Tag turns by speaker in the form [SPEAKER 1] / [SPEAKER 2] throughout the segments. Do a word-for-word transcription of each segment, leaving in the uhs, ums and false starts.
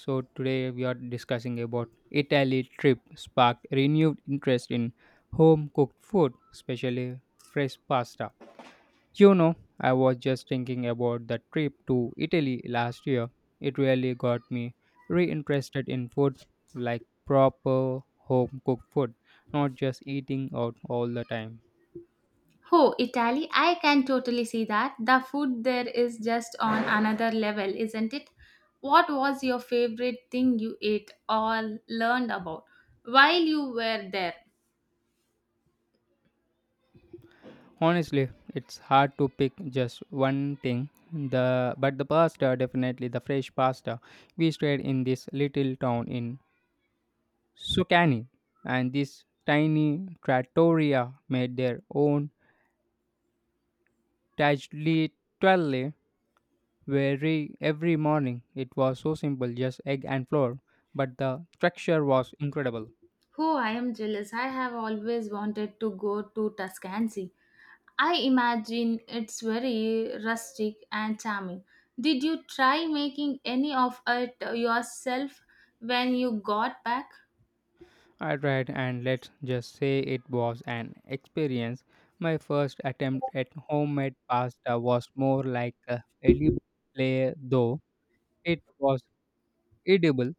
[SPEAKER 1] So today we are discussing about Italy trip sparked renewed interest in home cooked food, especially fresh pasta. You know, I was just thinking about the trip to Italy last year. It really got me reinterested in food, like proper home cooked food, not just eating out all the time.
[SPEAKER 2] Oh, Italy, I can totally see that. The food there is just on another level, isn't it? What was your favorite thing you ate or learned about while you were there?
[SPEAKER 1] Honestly, it's hard to pick just one thing. The but the pasta, definitely the fresh pasta. We stayed in this little town in Sucani, and this tiny trattoria made their own tagliatelle very every morning. It was so simple, just egg and flour, but the structure was incredible.
[SPEAKER 2] Oh, I am jealous. I have always wanted to go to Tuscany. I imagine it's very rustic and charming. Did you try making any of it yourself when you got back?
[SPEAKER 1] I tried, and let's just say it was an experience. My first attempt at homemade pasta was more like a edible play, though it was edible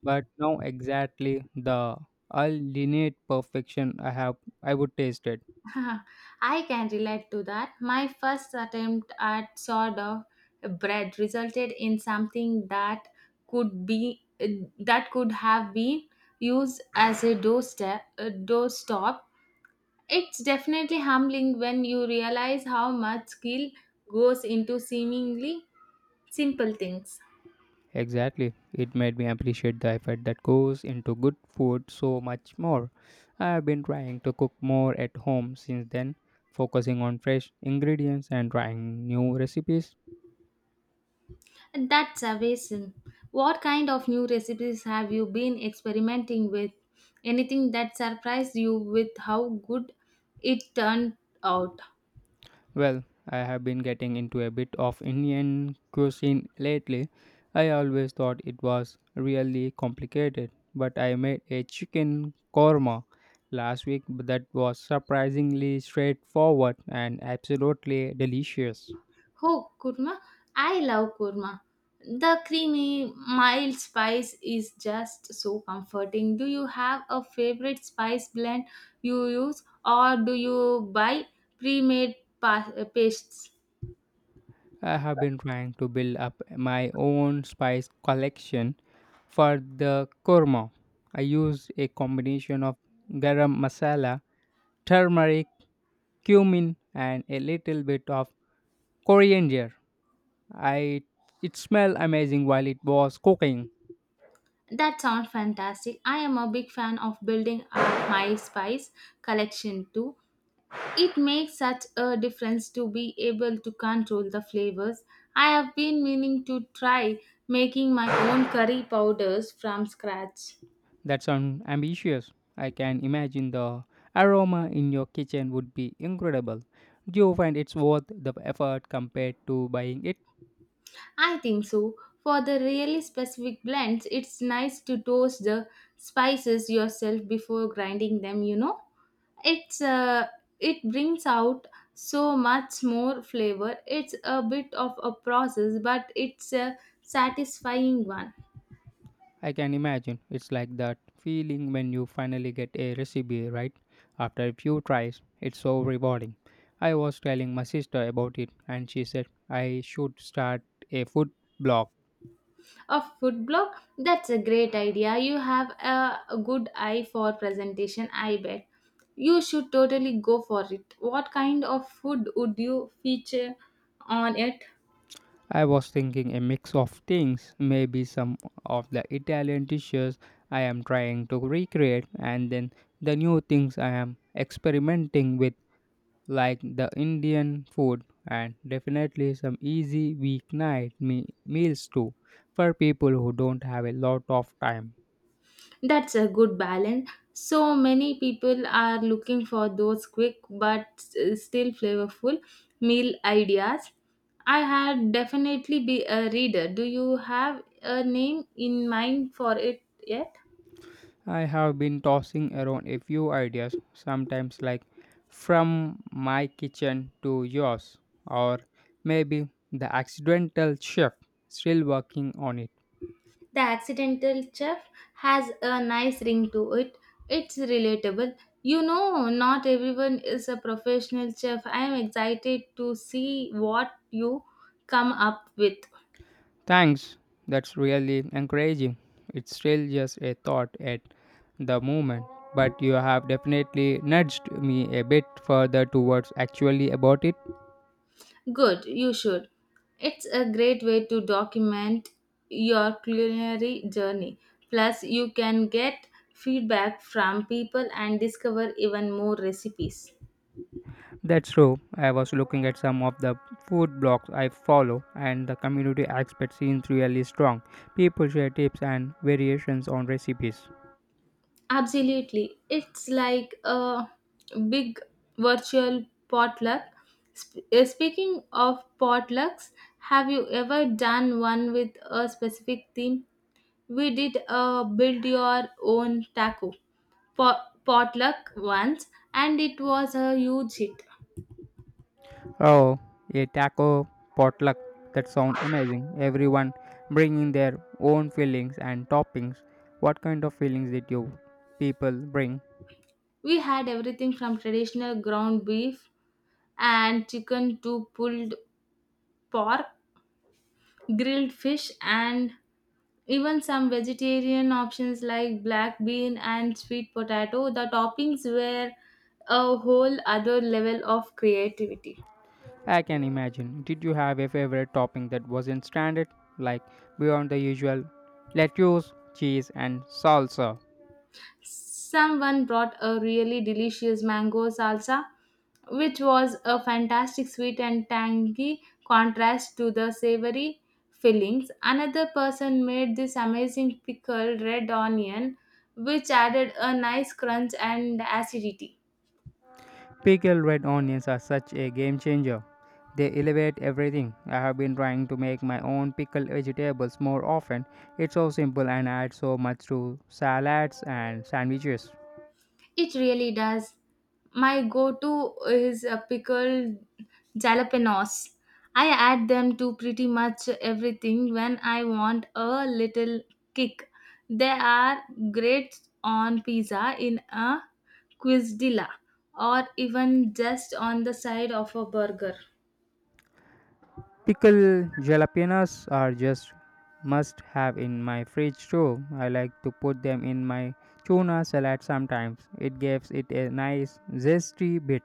[SPEAKER 1] but now exactly the ultimate perfection I have I would taste it.
[SPEAKER 2] I can relate to that. My first attempt at sort of bread resulted in something that could be that could have been used as a doorstep a doorstop. It's definitely humbling when you realize how much skill goes into seemingly simple things.
[SPEAKER 1] Exactly. It made me appreciate the effort that goes into good food so much more. I have been trying to cook more at home since then, focusing on fresh ingredients and trying new recipes.
[SPEAKER 2] That's amazing. What kind of new recipes have you been experimenting with? Anything that surprised you with how good it turned out?
[SPEAKER 1] Well, I have been getting into a bit of Indian cuisine lately. I always thought it was really complicated, but I made a chicken korma last week that was surprisingly straightforward and absolutely delicious.
[SPEAKER 2] Oh, kurma. I love kurma. The creamy, mild spice is just so comforting. Do you have a favorite spice blend you use or do you buy pre-made pa- pastes?
[SPEAKER 1] I have been trying to build up my own spice collection for the korma. I used a combination of garam masala, turmeric, cumin, and a little bit of coriander. I it smelled amazing while it was cooking.
[SPEAKER 2] That sounds fantastic. I am a big fan of building up my spice collection too. It makes such a difference to be able to control the flavors. I have been meaning to try making my own curry powders from scratch.
[SPEAKER 1] That sounds ambitious. I can imagine the aroma in your kitchen would be incredible. Do you find it's worth the effort compared to buying it?
[SPEAKER 2] I think so. For the really specific blends, it's nice to toast the spices yourself before grinding them, you know. it's uh, it brings out so much more flavor. It's a bit of a process, but it's a satisfying one.
[SPEAKER 1] I can imagine. It's like that feeling when you finally get a recipe right after a few tries. It's so rewarding. I was telling my sister about it, and she said I should start a food blog.
[SPEAKER 2] A food blog, that's a great idea. You have a, a good eye for presentation, I bet. You should totally go for it. What kind of food would you feature on it?
[SPEAKER 1] I was thinking a mix of things, maybe some of the Italian dishes I am trying to recreate, and then the new things I am experimenting with, like the Indian food, and definitely some easy weeknight me- meals too, for people who don't have a lot of time.
[SPEAKER 2] That's a good balance. So many people are looking for those quick but s- still flavorful meal ideas. I had definitely be a reader. Do you have a name in mind for it yet?
[SPEAKER 1] I have been tossing around a few ideas, sometimes like from my kitchen to yours, or maybe the accidental chef. Still working on it.
[SPEAKER 2] The accidental chef has a nice ring to it. It's relatable. You know, not everyone is a professional chef. I am excited to see what you come up with.
[SPEAKER 1] Thanks, that's really encouraging. It's still just a thought at the moment, but you have definitely nudged me a bit further towards actually about it.
[SPEAKER 2] Good, you should. It's a great way to document your culinary journey. Plus, you can get feedback from people and discover even more recipes.
[SPEAKER 1] That's true. I was looking at some of the food blogs I follow, and the community aspect seems really strong. People share tips and variations on recipes.
[SPEAKER 2] Absolutely. It's like a big virtual potluck. Sp- uh, speaking of potlucks, have you ever done one with a specific theme? We did a build your own taco. Po- potluck once, and it was a huge hit.
[SPEAKER 1] Oh, a taco potluck, that sounds amazing. Everyone bringing their own fillings and toppings. What kind of fillings did you people bring?
[SPEAKER 2] We had everything from traditional ground beef and chicken to pulled pork, grilled fish, and even some vegetarian options like black bean and sweet potato. The toppings were a whole other level of creativity.
[SPEAKER 1] I can imagine. Did you have a favorite topping that wasn't standard, like beyond the usual lettuce, cheese, and salsa?
[SPEAKER 2] Someone brought a really delicious mango salsa, which was a fantastic sweet and tangy contrast to the savory fillings. Another person made this amazing pickled red onion, which added a nice crunch and acidity.
[SPEAKER 1] Pickled red onions are such a game changer. They elevate everything. I have been trying to make my own pickled vegetables more often. It's so simple and adds so much to salads and sandwiches.
[SPEAKER 2] It really does. My go to is a pickled jalapenos. I add them to pretty much everything when I want a little kick. They are great on pizza, in a quesadilla, or even just on the side of a burger.
[SPEAKER 1] Pickled jalapenos are just must have in my fridge too. I like to put them in my tuna salad sometimes. It gives it a nice zesty bit.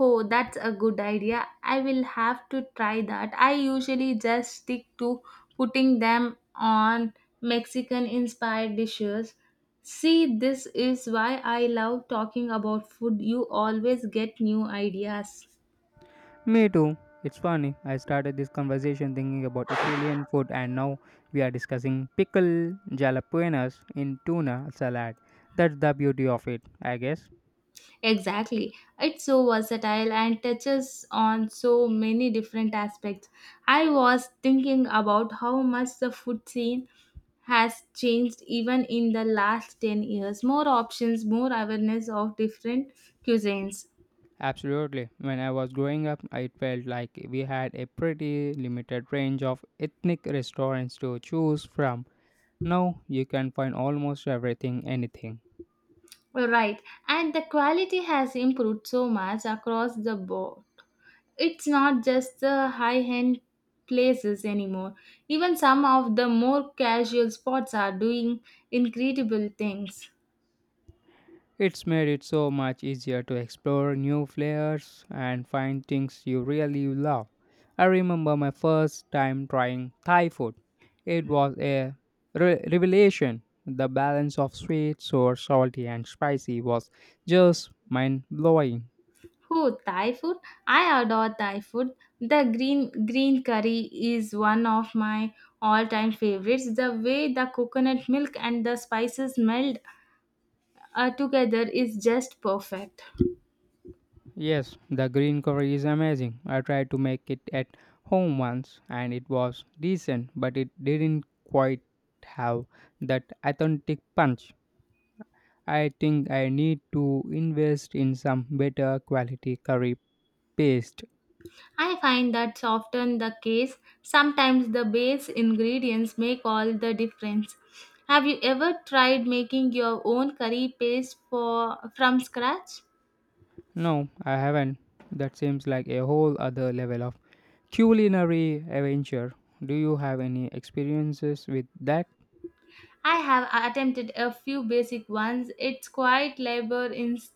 [SPEAKER 2] Oh, that's a good idea. I will have to try that. I usually just stick to putting them on Mexican inspired dishes. See, this is why I love talking about food. You always get new ideas.
[SPEAKER 1] Me too. It's funny. I started this conversation thinking about Italian food, and now we are discussing pickle jalapenos in tuna salad. That's the beauty of it, I guess.
[SPEAKER 2] Exactly. It's so versatile and touches on so many different aspects. I was thinking about how much the food scene has changed even in the last ten years. More options, more awareness of different cuisines.
[SPEAKER 1] Absolutely. When I was growing up, it felt like we had a pretty limited range of ethnic restaurants to choose from. Now you can find almost everything, anything.
[SPEAKER 2] Right, and the quality has improved so much across the board. It's not just the high end places anymore. Even some of the more casual spots are doing incredible things.
[SPEAKER 1] It's made it so much easier to explore new flavors and find things you really love. I remember my first time trying Thai food. It was a re- revelation. The balance of sweet, sour, salty, and spicy was just mind blowing.
[SPEAKER 2] Who Thai food? I adore Thai food. The green green curry is one of my all-time favorites. The way the coconut milk and the spices meld uh, together is just perfect.
[SPEAKER 1] Yes, the green curry is amazing. I tried to make it at home once and it was decent, but it didn't quite have that authentic punch. I think I need to invest in some better quality curry paste.
[SPEAKER 2] I find that's often the case. Sometimes the base ingredients make all the difference. Have you ever tried making your own curry paste for from scratch?
[SPEAKER 1] No, I haven't. That seems like a whole other level of culinary adventure. Do you have any experiences with that?
[SPEAKER 2] I have attempted a few basic ones. It's quite labor ins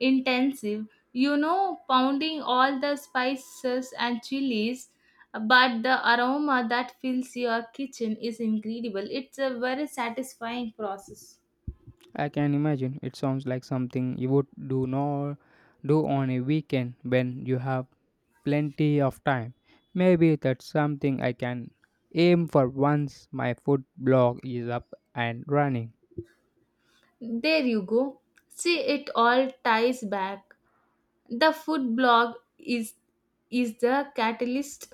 [SPEAKER 2] intensive, you know, pounding all the spices and chilies, but the aroma that fills your kitchen is incredible. It's a very satisfying process.
[SPEAKER 1] I can imagine it sounds like something you would do nor do on a weekend when you have plenty of time. Maybe that's something I can aim for once my food blog is up and running.
[SPEAKER 2] There you go. See, it all ties back. The food blog is is the catalyst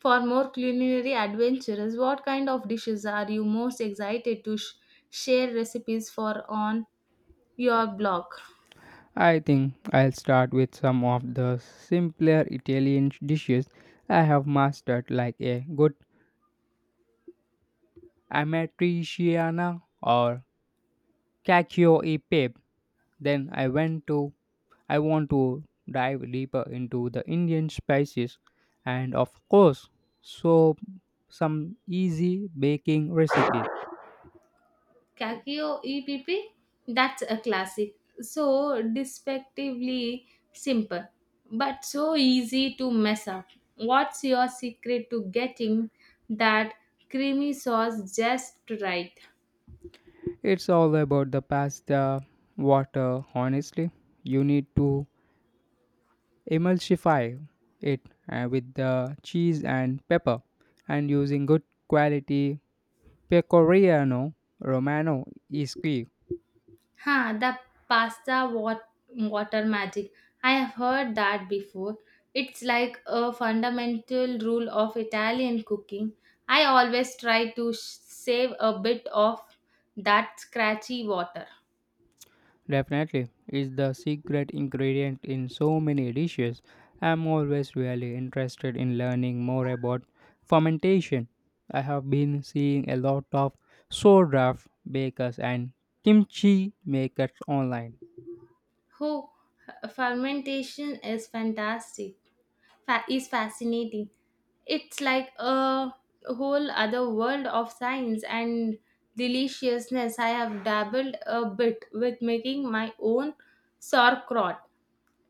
[SPEAKER 2] for more culinary adventures. What kind of dishes are you most excited to sh- share recipes for on your blog?
[SPEAKER 1] I think I'll start with some of the simpler Italian dishes I have mastered, like a good amatriciana or cacio e pepe. Then I went to I want to dive deeper into the Indian spices, and of course so some easy baking recipes.
[SPEAKER 2] Kakio E P P, that's a classic. So despectively simple, but so easy to mess up. What's your secret to getting that creamy sauce just right?
[SPEAKER 1] It's all about the pasta water, honestly. You need to emulsify it uh, with the cheese and pepper, and using good quality pecorino romano is key.
[SPEAKER 2] Huh? The pasta wat- water magic. I have heard that before. It's like a fundamental rule of Italian cooking. I always try to sh- save a bit of that scratchy water.
[SPEAKER 1] Definitely is the secret ingredient in so many dishes. I'm always really interested in learning more about fermentation. I have been seeing a lot of sourdough bakers and kimchi makers online.
[SPEAKER 2] Who fermentation is fantastic. Fa- is fascinating. It's like a whole other world of science and deliciousness. I have dabbled a bit with making my own sauerkraut.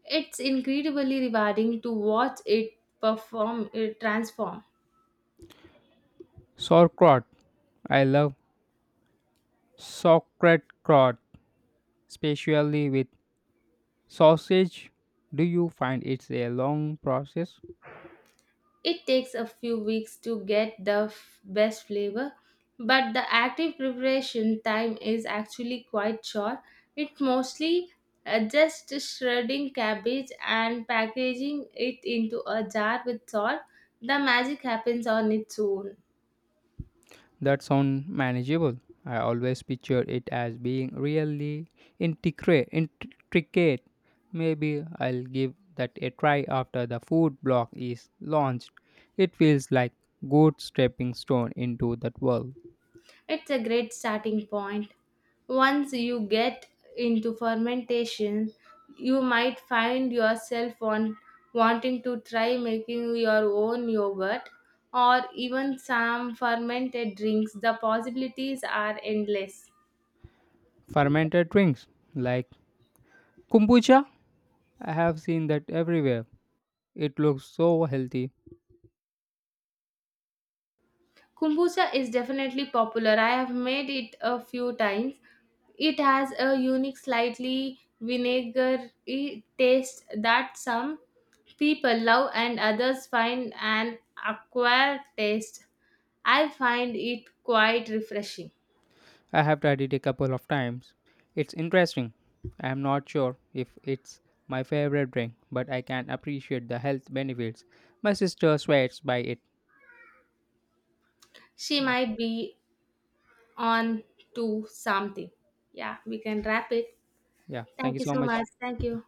[SPEAKER 2] It's incredibly rewarding to watch it perform, it transform.
[SPEAKER 1] Sauerkraut. I love sauerkraut, especially with sausage. Do you find it's a long process?
[SPEAKER 2] It takes a few weeks to get the f- best flavor, but the active preparation time is actually quite short. It's mostly uh, just shredding cabbage and packaging it into a jar with salt. The magic happens on its own.
[SPEAKER 1] That sounds manageable. I always picture it as being really intricate. intricate. Maybe I'll give that a try after the food blog is launched. It feels like good stepping stone into that world.
[SPEAKER 2] It's a great starting point. Once you get into fermentation, you might find yourself on wanting to try making your own yogurt or even some fermented drinks. The possibilities are endless.
[SPEAKER 1] Fermented drinks like kombucha. I have seen that everywhere. It looks so healthy.
[SPEAKER 2] Kombucha is definitely popular. I have made it a few times. It has a unique, slightly vinegary taste that some people love and others find an acquired taste. I find it quite refreshing.
[SPEAKER 1] I have tried it a couple of times. It's interesting. I am not sure if it's my favorite drink, but I can appreciate the health benefits. My sister swears by it.
[SPEAKER 2] She
[SPEAKER 1] Yeah.
[SPEAKER 2] might be on to something. Yeah, we can wrap it.
[SPEAKER 1] Yeah. Thank
[SPEAKER 2] Thank
[SPEAKER 1] you
[SPEAKER 2] you
[SPEAKER 1] so
[SPEAKER 2] so
[SPEAKER 1] much.
[SPEAKER 2] much. Thank
[SPEAKER 1] Yeah.
[SPEAKER 2] you.